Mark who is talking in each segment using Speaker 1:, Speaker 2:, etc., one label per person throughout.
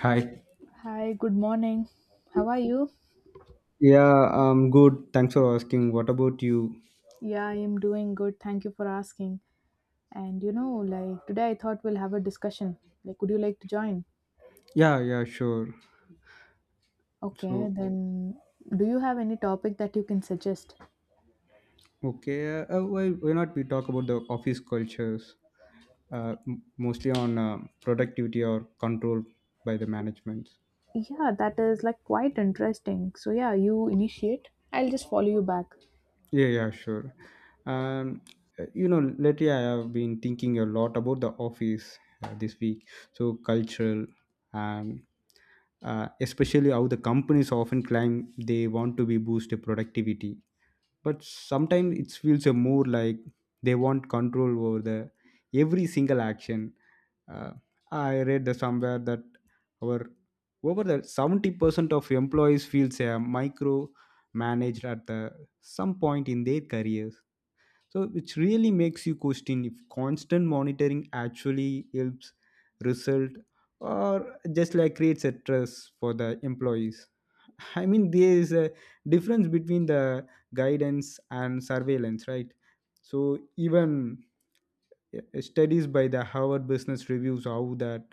Speaker 1: Hi.
Speaker 2: Hi, good morning. How are you?
Speaker 1: Yeah, Good, thanks for asking. What about you?
Speaker 2: Yeah, I am doing good. Thank you for asking. And you know, like today I thought we'll have a discussion. Like, would you like to join?
Speaker 1: Yeah, Sure.
Speaker 2: Okay,
Speaker 1: So,
Speaker 2: then do you have any topic that you can suggest?
Speaker 1: why not we talk about the office cultures, mostly on productivity or control by the management.
Speaker 2: Yeah, that is like quite interesting. So, yeah, you initiate. I'll just follow you back.
Speaker 1: Yeah, sure. Um, Lately I have been thinking a lot about the office this week. So, cultural and especially how the companies often claim they want to be boosted productivity, but sometimes it feels a more like they want control over the every single action. uh, I read the somewhere that our over the 70% of employees feels a micro managed at the some point in their careers, so which really makes you question if constant monitoring actually helps result or just like creates a stress for the employees. I mean, there is a difference between the guidance and surveillance, right? So, even studies by the Harvard Business Reviews how that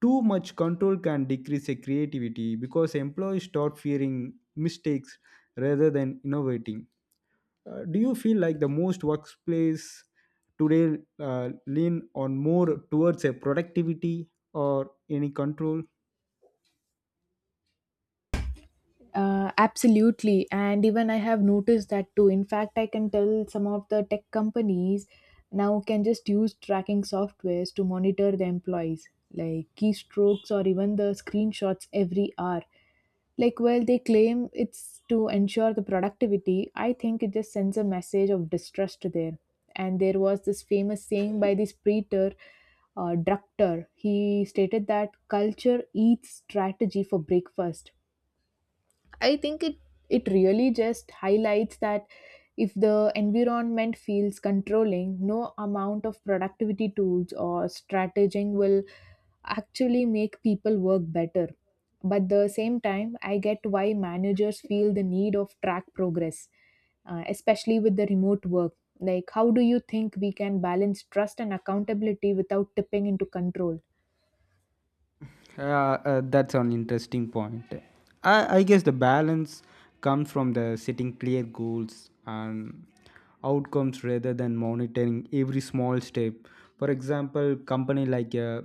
Speaker 1: too much control can decrease their creativity because employees start fearing mistakes rather than innovating. Do you feel like the most workplace today lean on more towards a productivity or any control?
Speaker 2: Absolutely. And even I have noticed that too. In fact, I can tell some of the tech companies now can just use tracking softwares to monitor the employees, like keystrokes or even the screenshots every hour. Like, while they claim it's to ensure the productivity, I think it just sends a message of distrust there. And there was this famous saying by this preacher, Drucker. He stated that culture eats strategy for breakfast. I think it really just highlights that if the environment feels controlling, no amount of productivity tools or strataging will actually make people work better. But at the same time, I get why managers feel the need of track progress, especially with the remote work. Like, how do you think we can balance trust and accountability without tipping into control?
Speaker 1: That's an interesting point. I guess the balance comes from the setting clear goals and outcomes rather than monitoring every small step. For example, company like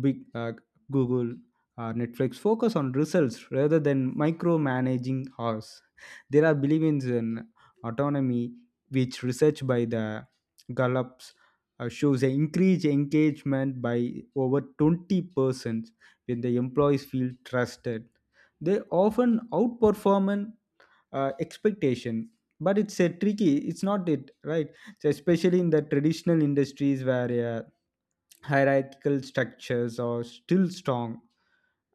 Speaker 1: big Google or Netflix focus on results rather than micromanaging us. There are beliefs in autonomy, which research by the Gallups shows an increased engagement by over 20% when the employees feel trusted, they often outperform an, expectation, but it's a tricky, it's not it, right? So especially in the traditional industries where hierarchical structures are still strong,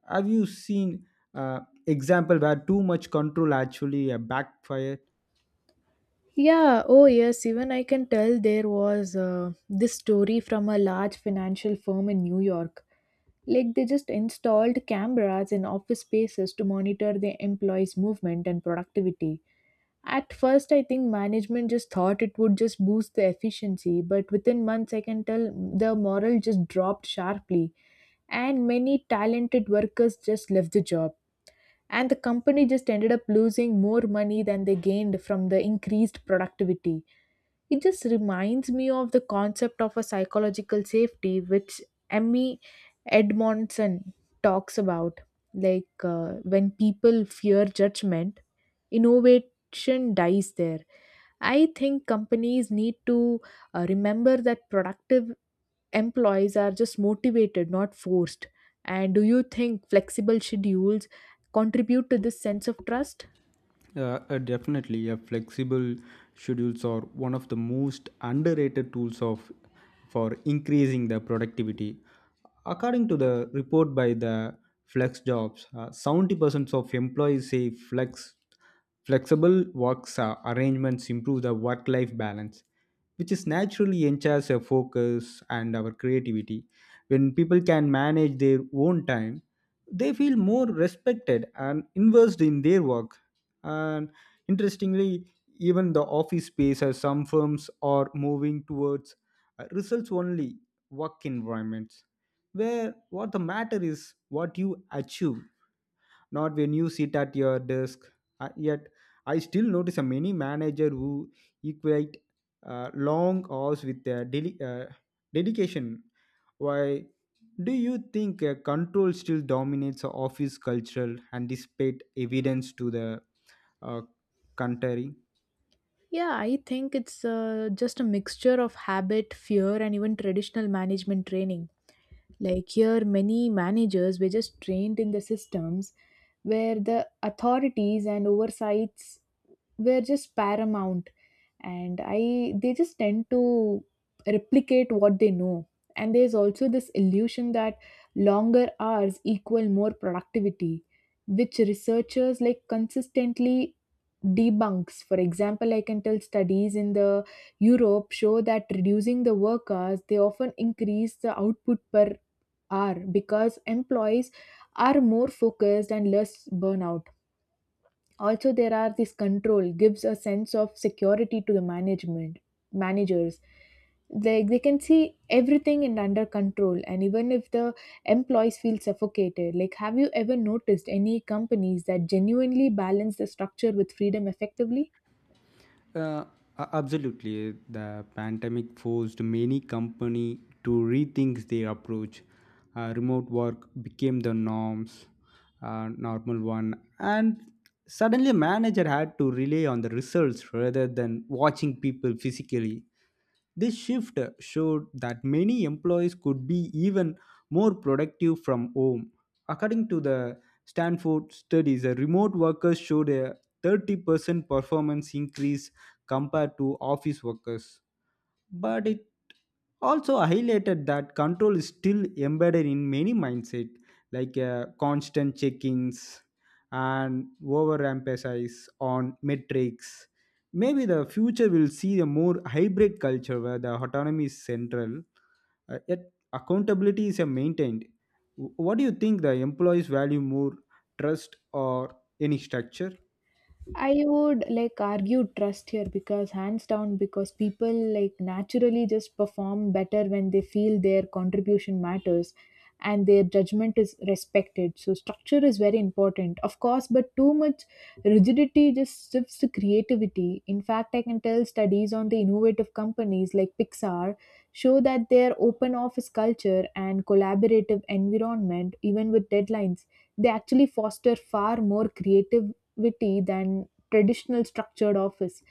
Speaker 1: have you seen uh, example where too much control actually backfire?
Speaker 2: Yeah, oh yes, even I can tell there was this story from a large financial firm in New York. Like they just installed cameras in office spaces to monitor their employees' movement and productivity. At first, I think management just thought it would just boost the efficiency, but within months, I can tell the morale just dropped sharply, and many talented workers just left the job, and the company just ended up losing more money than they gained from the increased productivity. It just reminds me of the concept of a psychological safety, which Emmy Edmondson talks about. Like when people fear judgment, innovation dies there. I think companies need to remember that productive employees are just motivated, not forced. And do you think flexible schedules contribute to this sense of trust?
Speaker 1: Definitely, a flexible schedules are one of the most underrated tools of for increasing the productivity. According to the report by the Flex Jobs, 70% of employees say flexible works arrangements improve the work-life balance, which is naturally enhances our focus and our creativity. When people can manage their own time, they feel more respected and invested in their work. And interestingly, even the office space as some firms are moving towards results only work environments where what the matter is what you achieve, not when you sit at your desk. Yet I still notice a many manager who equate long hours with their dedication. Why do you think control still dominates the office culture and despite evidence to the uh, contrary?
Speaker 2: Yeah, I think it's just a mixture of habit, fear, and even traditional management training. Like here, many managers were just trained in the systems where the authorities and oversights were just paramount, and I they just tend to replicate what they know. And there's also this illusion that longer hours equal more productivity, which researchers like consistently debunks. For example, I can tell studies in the Europe show that reducing the work hours they often increase the output per hour because employees are more focused and less burnout. Also, there are this control gives a sense of security to the management managers. They can see everything in under control, and even if the employees feel suffocated, like have you ever noticed any companies that genuinely balance the structure with freedom effectively?
Speaker 1: Uh, Absolutely, the pandemic forced many company to rethink their approach. Remote work became the norms, normal one, and suddenly a manager had to rely on the results rather than watching people physically. This shift showed that many employees could be even more productive from home. According to the Stanford studies, the remote workers showed a 30% performance increase compared to office workers, but it also highlighted that control is still embedded in many mindset, like constant check-ins and overemphasis on metrics. Maybe the future will see a more hybrid culture where the autonomy is central, yet accountability is maintained. Wh- what do you think the employees value more, trust or any structure?
Speaker 2: I would like argue trust here, because hands down, because people like naturally just perform better when they feel their contribution matters and their judgment is respected. So structure is very important, of course, but too much rigidity just shifts to creativity. In fact, I can tell studies on the innovative companies like Pixar show that their open office culture and collaborative environment, even with deadlines, they actually foster far more creative creativity than traditional structured office.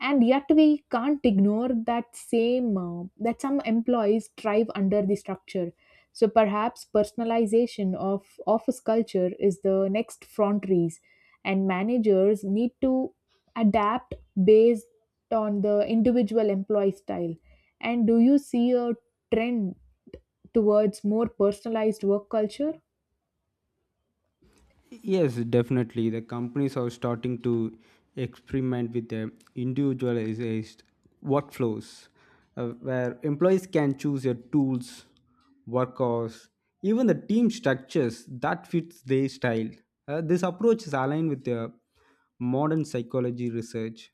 Speaker 2: And yet we can't ignore that same that some employees thrive under the structure. So perhaps personalization of office culture is the next frontiers, and managers need to adapt based on the individual employee style. And do you see a trend towards more personalized work culture?
Speaker 1: Yes, definitely. The companies are starting to experiment with the individualized workflows where employees can choose their tools, work hours, even the team structures that fits their style. This approach is aligned with the modern psychology research,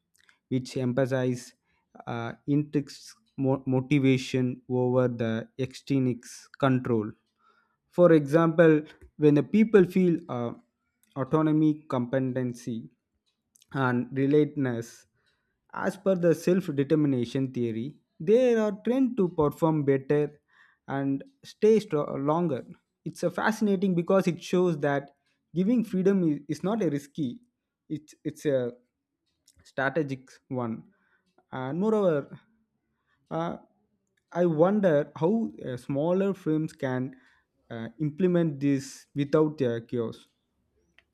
Speaker 1: which emphasizes intrinsic motivation over the extrinsic control. For example, when the people feel autonomy, competency, and relatedness. As per the self determination theory, they are trained to perform better and stay longer. It's a fascinating because it shows that giving freedom is not a risky, it's a strategic one. And moreover, uh, I wonder how smaller firms can implement this without chaos.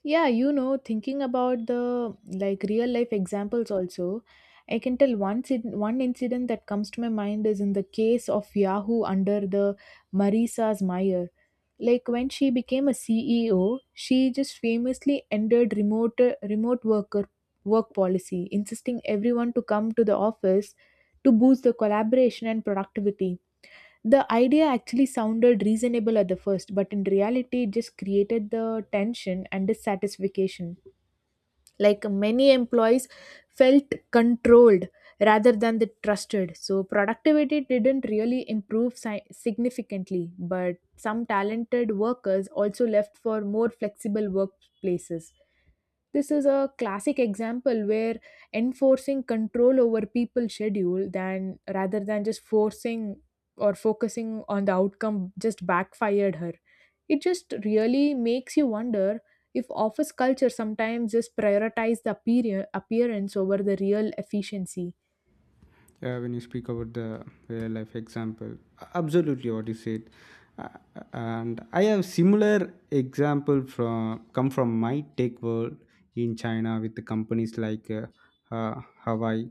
Speaker 2: Yeah, you know, thinking about the like real life examples also, I can tell one one incident that comes to my mind is in the case of Yahoo under the Marisa's Meyer. Like when she became a CEO, she just famously ended remote worker work policy, insisting everyone to come to the office to boost the collaboration and productivity. The idea actually sounded reasonable at the first, but in reality, it just created the tension and dissatisfaction. Like many employees felt controlled rather than the trusted. So, productivity didn't really improve significantly, but some talented workers also left for more flexible workplaces. This is a classic example where enforcing control over people's schedule than rather than just forcing or focusing on the outcome just backfired her. It just really makes you wonder if office culture sometimes just prioritize the appearance over the real efficiency.
Speaker 1: Yeah, when you speak about the real life example, absolutely what you said. Uh, and I have similar example from come from my tech world in china with the companies like uh, hawaii.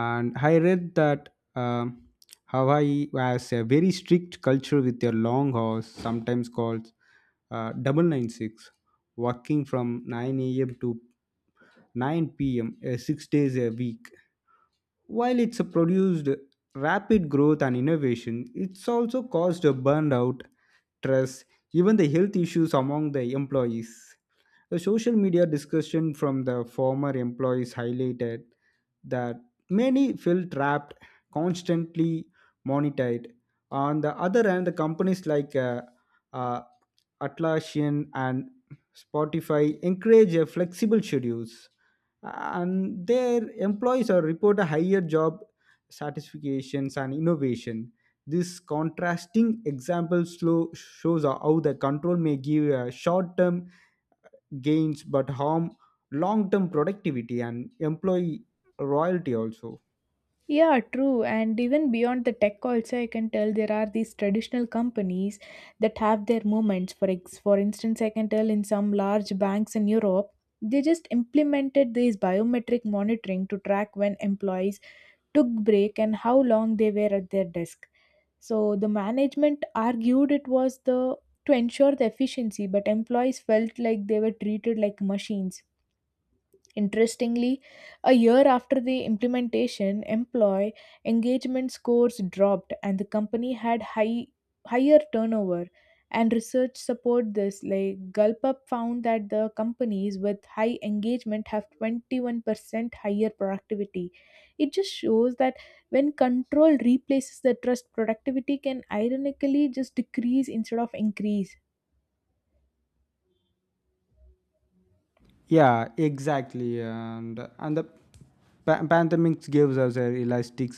Speaker 1: And I read that um, hawaii has a very strict culture with their long hours, sometimes called double nine six, working from 9 a.m to 9 p.m 6 days a week. While it's produced rapid growth and innovation, it's also caused a burnout, stress, even the health issues among the employees. The social media discussion from the former employees highlighted that many feel trapped, constantly monitored. On the other hand, the companies like uh, Atlassian and Spotify encourage a flexible schedules, and their employees are report a higher job satisfactions and innovation. This contrasting example slow shows how the control may give short-term gains but harm long-term productivity and employee royalty also.
Speaker 2: Yeah, true. And even beyond the tech also, I can tell there are these traditional companies that have their moments. For for instance, I can tell in some large banks in Europe, they just implemented these biometric monitoring to track when employees took break and how long they were at their desk. So the management argued it was the to ensure the efficiency, but employees felt like they were treated like machines. Interestingly, a year after the implementation, employee engagement scores dropped, and the company had higher turnover. And research support this. Like Gulpup found that the companies with high engagement have 21% higher productivity. It just shows that when control replaces the trust, productivity can ironically just decrease instead of increase.
Speaker 1: Yeah, exactly. And the pandemics gives us a realistic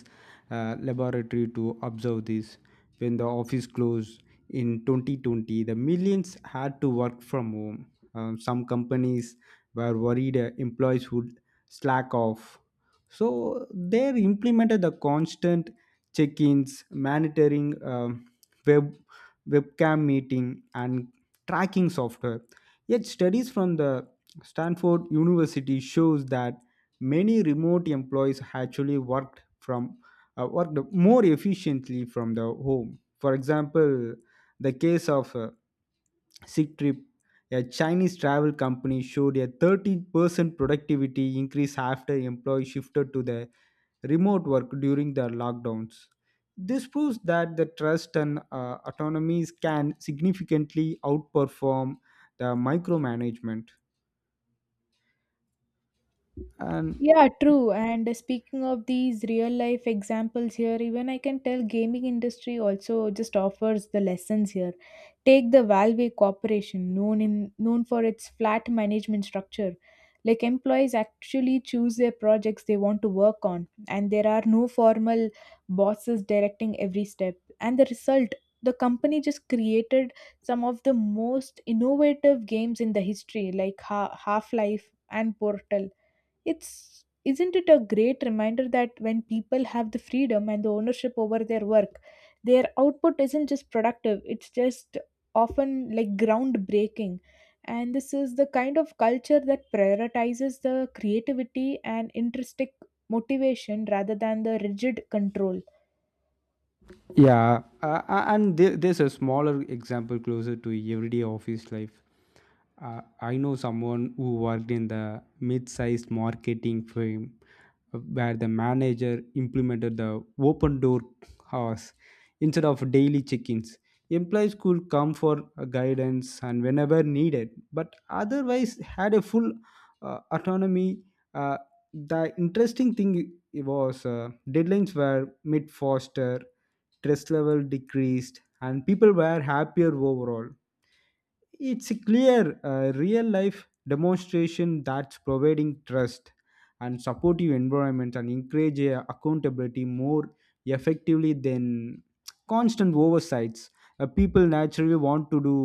Speaker 1: laboratory to observe this. When the office closed in 2020, the millions had to work from home. Some companies were worried employees would slack off, so they implemented the constant check-ins, monitoring, web webcam meeting, and tracking software. Yet studies from the Stanford University shows that many remote employees actually worked from worked more efficiently from the home. For example, the case of Sick Trip, a Chinese travel company, showed a 13% productivity increase after employees shifted to the remote work during the lockdowns. This proves that the trust and autonomies can significantly outperform the micromanagement. And
Speaker 2: Yeah, true. And speaking of these real life examples here, even I can tell gaming industry also just offers the lessons here. Take the Valve Corporation, known for its flat management structure. Like employees actually choose their projects they want to work on, and there are no formal bosses directing every step. And the result, the company just created some of the most innovative games in the history, like Half Life and Portal. It's isn't it a great reminder that when people have the freedom and the ownership over their work, their output isn't just productive, it's just often like groundbreaking. And this is the kind of culture that prioritizes the creativity and intrinsic motivation rather than the rigid control.
Speaker 1: there's a smaller example closer to everyday office life. I know someone who worked in the mid-sized marketing firm where the manager implemented the open door hours instead of daily check-ins. Employees could come for guidance and whenever needed, but otherwise had a full autonomy. uh, the interesting thing was deadlines were made faster, stress level decreased, and people were happier overall. It's a clear real life demonstration that's providing trust and supportive environment, and encourage accountability more effectively than constant oversights. People naturally want to do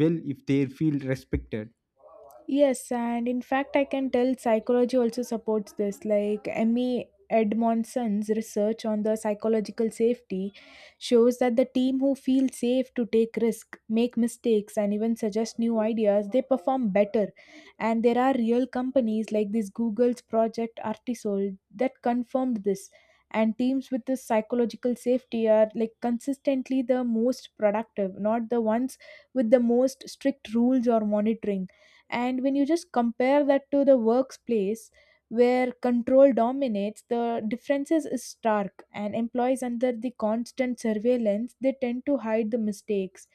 Speaker 1: well if they feel respected.
Speaker 2: Yes, and in fact, I can tell psychology also supports this. Like Emmy Edmondson's research on the psychological safety shows that the team who feel safe to take risk, make mistakes, and even suggest new ideas, they perform better. And there are real companies like this Google's Project Artisol that confirmed this. And teams with this psychological safety are like consistently the most productive, not the ones with the most strict rules or monitoring. And when you just compare that to the workplace where control dominates, the differences is stark, and employees under the constant surveillance they tend to hide the mistakes,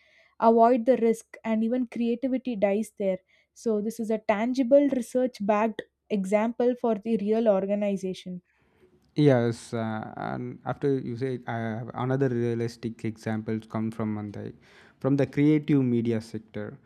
Speaker 2: avoid the risk, and even creativity dies there. So this is a tangible research backed example for the real organization.
Speaker 1: Yes, and after you say, I have another realistic examples come from Mandai, from the creative media sector.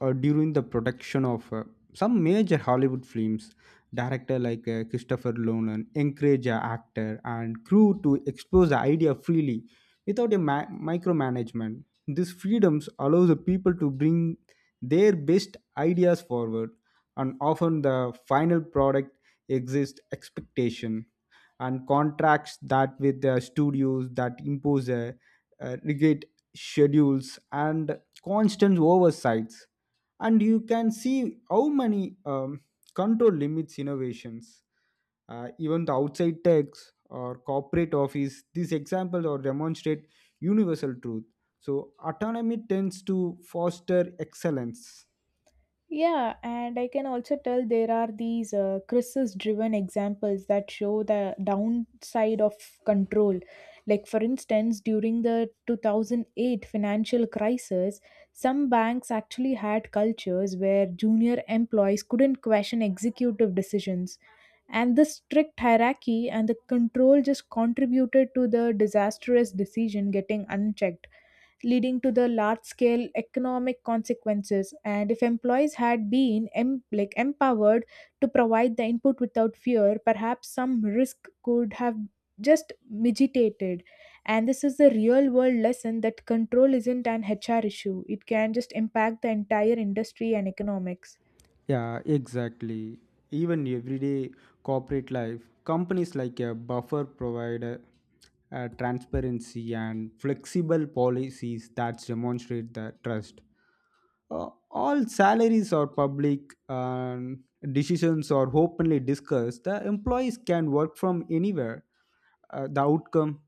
Speaker 1: During the production of some major Hollywood films, director like Christopher Nolan encourage a actor and crew to expose the idea freely, without a micromanagement. These freedoms allow the people to bring their best ideas forward, and often the final product exceeds expectation and contracts that with the studios that impose a rigid schedules and constant oversights, and you can see how many control limits innovations. Even the outside tax or corporate office, these examples or demonstrate universal truth, so autonomy tends to foster excellence.
Speaker 2: Yeah, and I can also tell there are these crisis driven examples that show the downside of control. Like, for instance, during the 2008 financial crisis, some banks actually had cultures where junior employees couldn't question executive decisions. And the strict hierarchy and the control just contributed to the disastrous decision getting unchecked, leading to the large scale economic consequences. And if employees had been like empowered to provide the input without fear, perhaps some risk could have just mitigated. And this is the real world lesson that control isn't an HR issue, it can just impact the entire industry and economics.
Speaker 1: Yeah, exactly. Even everyday corporate life, companies like a buffer provide a transparency and flexible policies that demonstrate the trust. All salaries are public and decisions are openly discussed. The employees can work from anywhere. The outcome,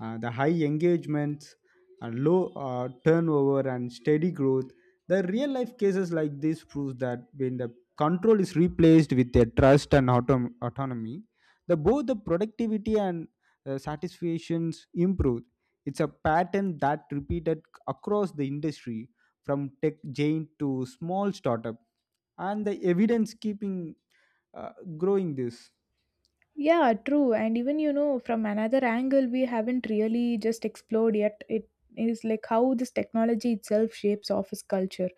Speaker 1: the high engagement, and low turnover and steady growth. The real life cases like this proves that when the control is replaced with a trust and autonomy, the both the productivity and satisfactions improve. It's a pattern that repeated across the industry from tech giant to small startup, and the evidence keeping uh, growing this.
Speaker 2: Yeah, true. And even, you know, from another angle, we haven't really just explored yet. It is like how this technology itself shapes office culture.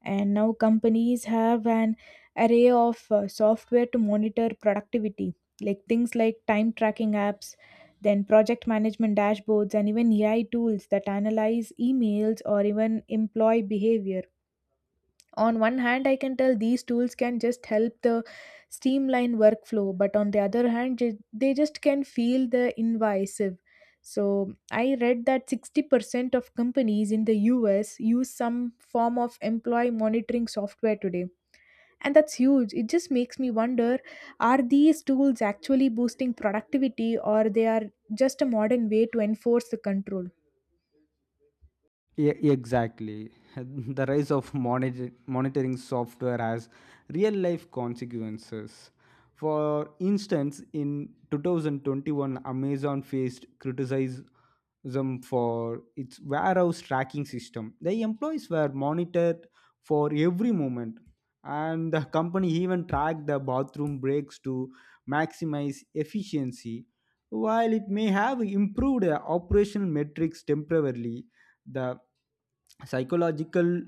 Speaker 2: And now companies have an array of software to monitor productivity, like things like time tracking apps, then project management dashboards, and even AI tools that analyze emails or even employee behavior. On one hand, I can tell these tools can just help the streamline workflow, but on the other hand, they just can feel the invasive. So I read that 60% of companies in the US use some form of employee monitoring software today, and that's huge. It just makes me wonder, are these tools actually boosting productivity, or they are just a modern way to enforce the control?
Speaker 1: Yeah, exactly. The rise of monitoring software has real life consequences. For instance, in 2021 amazon faced criticism them for its warehouse tracking system. The employees were monitored for every moment, and the company even tracked the bathroom breaks to maximize efficiency. While it may have improved the operational metrics temporarily, the psychological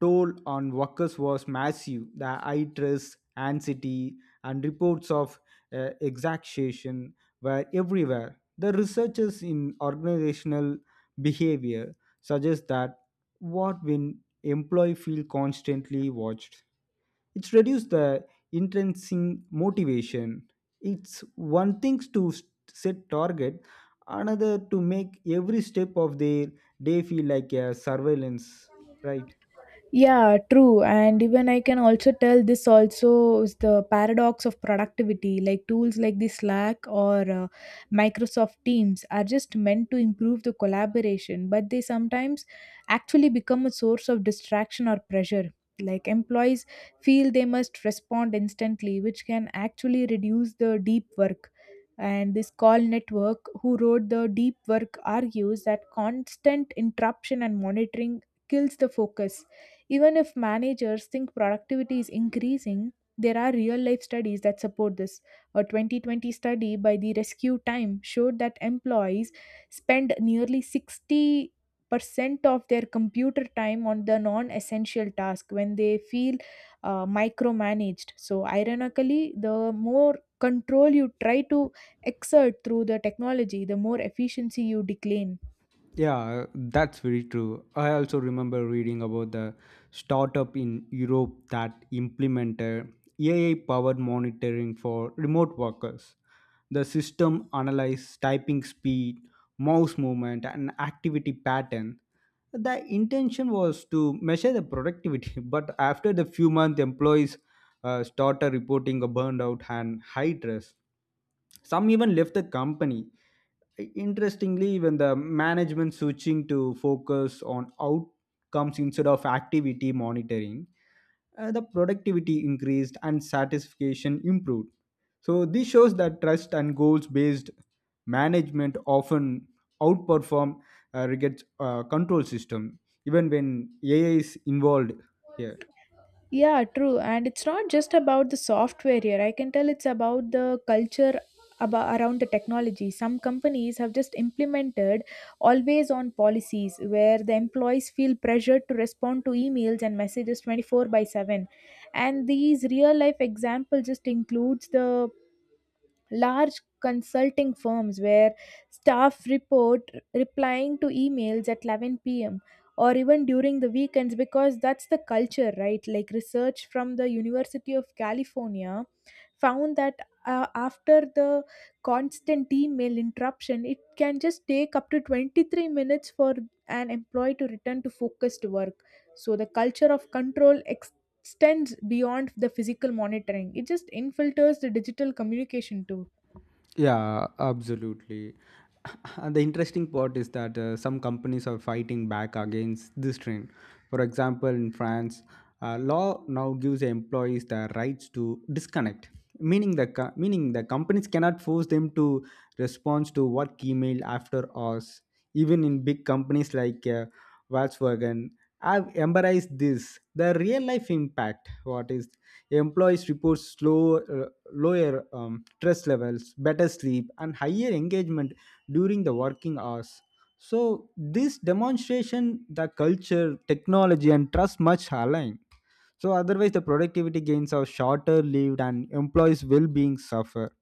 Speaker 1: toll on workers was massive. The eye stress, anxiety, and reports of exhaustion were everywhere. The researchers in organizational behavior suggest that what when employees feel constantly watched, it reduces the intrinsic motivation. It's one thing to set target, another to make every step of their day feel like a surveillance, right?
Speaker 2: Yeah, true. And even I can also tell this also is the paradox of productivity. Like tools like the Slack or Microsoft Teams are just meant to improve the collaboration, but they sometimes actually become a source of distraction or pressure. Like employees feel they must respond instantly, which can actually reduce the deep work. And this call network, who wrote the deep work, argues that constant interruption and monitoring kills the focus, even if managers think productivity is increasing. There are real life studies that support this. A 2020 study by the Rescue Time showed that employees spend nearly 60% of their computer time on the non essential task when they feel micromanaged. So, ironically, the more control you try to exert through the technology, the more efficiency you decline.
Speaker 1: Yeah, that's very true. I also remember reading about the startup in Europe that implemented AI powered monitoring for remote workers. The system analyzed typing speed, mouse movement, and activity pattern. The intention was to measure the productivity, but after the few months, employees started reporting a burnout and high stress. Some even left the company. Interestingly, even the management switching to focus on outcomes instead of activity monitoring, the productivity increased and satisfaction improved. So this shows that trust and goals-based management often outperform rigid control system, even when AI is involved here.
Speaker 2: Yeah, true. And it's not just about the software here. I can tell it's about the culture about around the technology. Some companies have just implemented always on policies where the employees feel pressured to respond to emails and messages 24 by 7. And these real life examples just includes the large consulting firms where staff report replying to emails at 11 p.m. or even during the weekends because that's the culture, right? Like research from the University of California found that after the constant email interruption, it can just take up to 23 minutes for an employee to return to focused work. So the culture of control extends beyond the physical monitoring. It just infiltrates the digital communication too.
Speaker 1: Yeah, absolutely. And the interesting part is that some companies are fighting back against this trend. For example, in France, law now gives employees the rights to disconnect, meaning the companies cannot force them to respond to work email after hours. Even in big companies like Volkswagen have embraced this. The real life impact, what is employees report slow, lower stress levels, better sleep, and higher engagement during the working hours. So this demonstration, the culture, technology, and trust much align. So otherwise, the productivity gains are shorter lived, and employees' well-being suffer.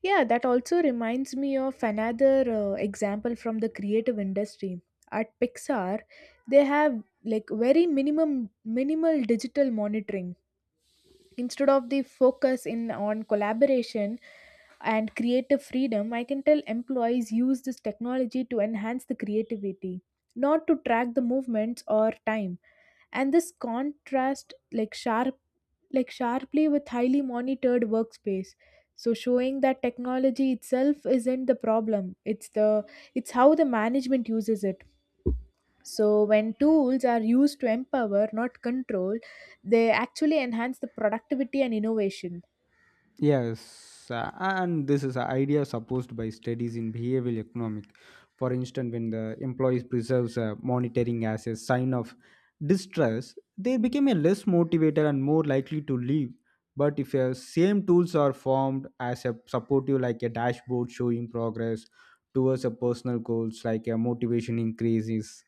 Speaker 2: Yeah, that also reminds me of another example from the creative industry. At Pixar, they have like very minimum minimal digital monitoring instead of the focus in on collaboration and creative freedom. I can tell employees use this technology to enhance the creativity, not to track the movements or time. And this contrast, like sharply with highly monitored workspace, so showing that technology itself isn't the problem. It's how the management uses it. So when tools are used to empower, not control, they actually enhance the productivity and innovation.
Speaker 1: Yes, and this is an idea supposed by studies in behavioral economics. For instance, when the employees preserves monitoring as a sign of distress, they become a less motivated and more likely to leave. But if the same tools are formed as a supportive, like a dashboard showing progress towards a personal goals, like a motivation increases.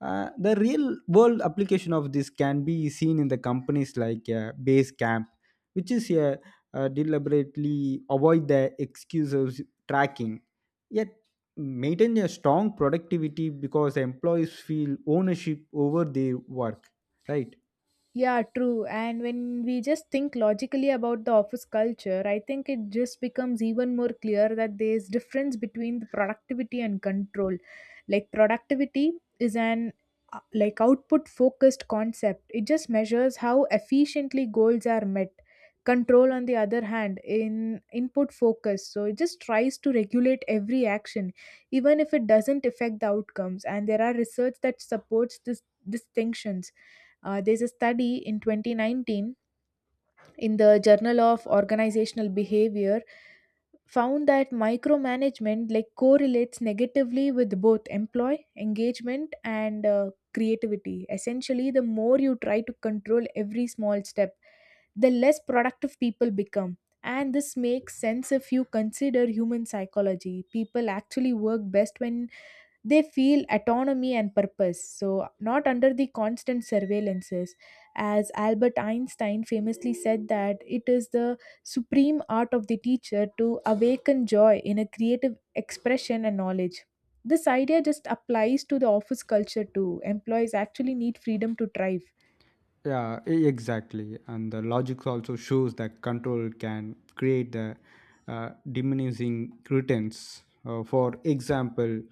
Speaker 1: The real world application of this can be seen in the companies like Basecamp, which is deliberately avoid the excuses tracking, yet maintain a strong productivity because employees feel ownership over their work, right?
Speaker 2: Yeah, true. And when we just think logically about the office culture, I think it just becomes even more clear that there's difference between the productivity and control. Like productivity is an like output focused concept. It just measures how efficiently goals are met. Control on the other hand in input focus. So it just tries to regulate every action even if it doesn't affect the outcomes, and there are research that supports this distinctions. Uh, there's a study in 2019 in the Journal of Organizational Behavior found that micromanagement like correlates negatively with both employee engagement and creativity. Essentially, the more you try to control every small step, the less productive people become. And this makes sense if you consider human psychology. People actually work best when they feel autonomy and purpose, so not under the constant surveillances. As Albert Einstein famously said, that it is the supreme art of the teacher to awaken joy in a creative expression and knowledge. This idea just applies to the office culture too. Employees actually need freedom to thrive.
Speaker 1: Yeah, exactly. And the logic also shows that control can create the diminishing returns. For example,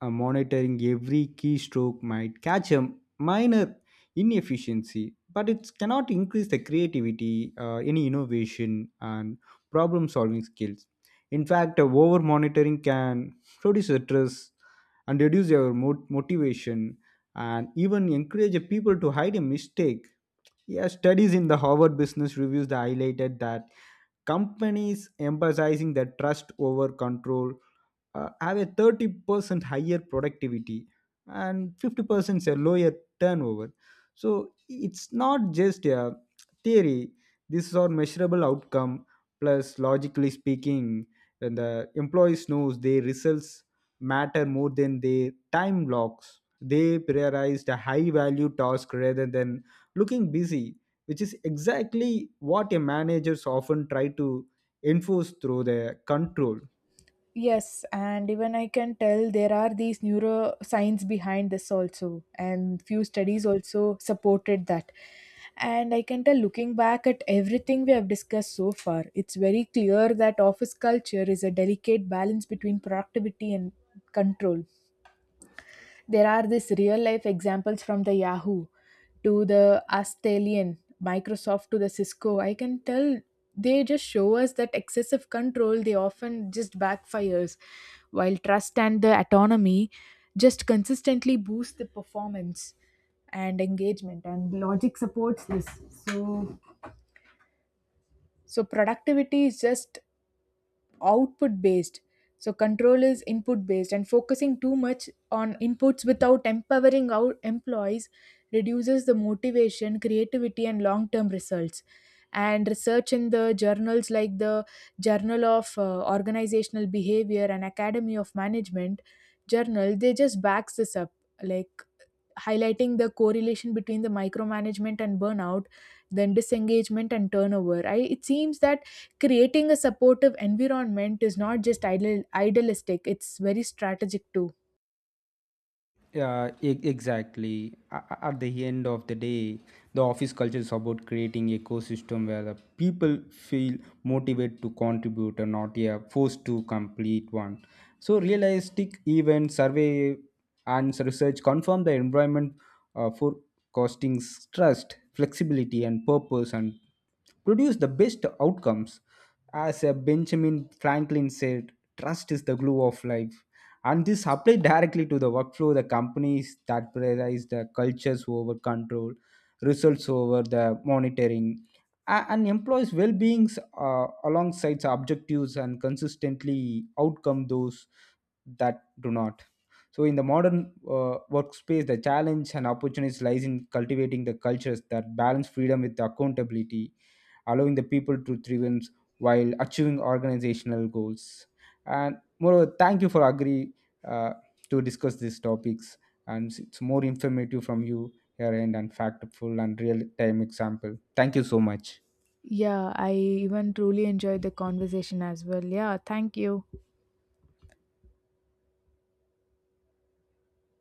Speaker 1: monitoring every keystroke might catch a minor inefficiency, but it cannot increase the creativity, any innovation, and problem solving skills. In fact, over monitoring can reduce stress and reduce your motivation and even encourage people to hide a mistake. Yeah, studies in the Harvard Business Reviews that highlighted that companies emphasizing their trust over control have a 30% higher productivity and 50% a lower turnover. So it's not just a theory. This is our measurable outcome. Plus, logically speaking, when the employees knows their results matter more than their time blocks, they prioritized a high value task rather than looking busy, which is exactly what a managers often try to enforce through their control.
Speaker 2: Yes, and even I can tell there are these neuroscience behind this also, and few studies also supported that. And I can tell looking back at everything we have discussed so far, it's very clear that office culture is a delicate balance between productivity and control. There are these real life examples from the Yahoo to the Australian Microsoft to the Cisco. I can tell they just show us that excessive control they often just backfires, while trust and the autonomy just consistently boost the performance and engagement, and logic supports this. So so productivity is just output based, so control is input based, and focusing too much on inputs without empowering our employees reduces the motivation creativity and long term results. And research in the journals like the journal of organizational behavior and academy of management journal, they just backs this up, like highlighting the correlation between the micromanagement and burnout, then disengagement and turnover. I, it seems that creating a supportive environment is not just idle, idealistic, it's very strategic too.
Speaker 1: Yeah, exactly. At the end of the day, the office culture is about creating ecosystem where the people feel motivated to contribute and not yeah, forced to complete one. So realistic event survey and research confirm the environment for costing trust, flexibility, and purpose, and produce the best outcomes. As Benjamin Franklin said, trust is the glue of life, and this applied directly to the workflow, the companies that prioritize the cultures over control, results over the monitoring, and employees well-beings alongside the objectives and consistently outcome those that do not. So in the modern workspace, the challenge and opportunities lies in cultivating the cultures that balance freedom with accountability, allowing the people to thrive while achieving organizational goals. And moreover, thank you for agree uh, to discuss these topics, and it's more informative from you here, and, factful and real time example. Thank you so much.
Speaker 2: Yeah, I even truly enjoyed the conversation as well. Yeah, thank you.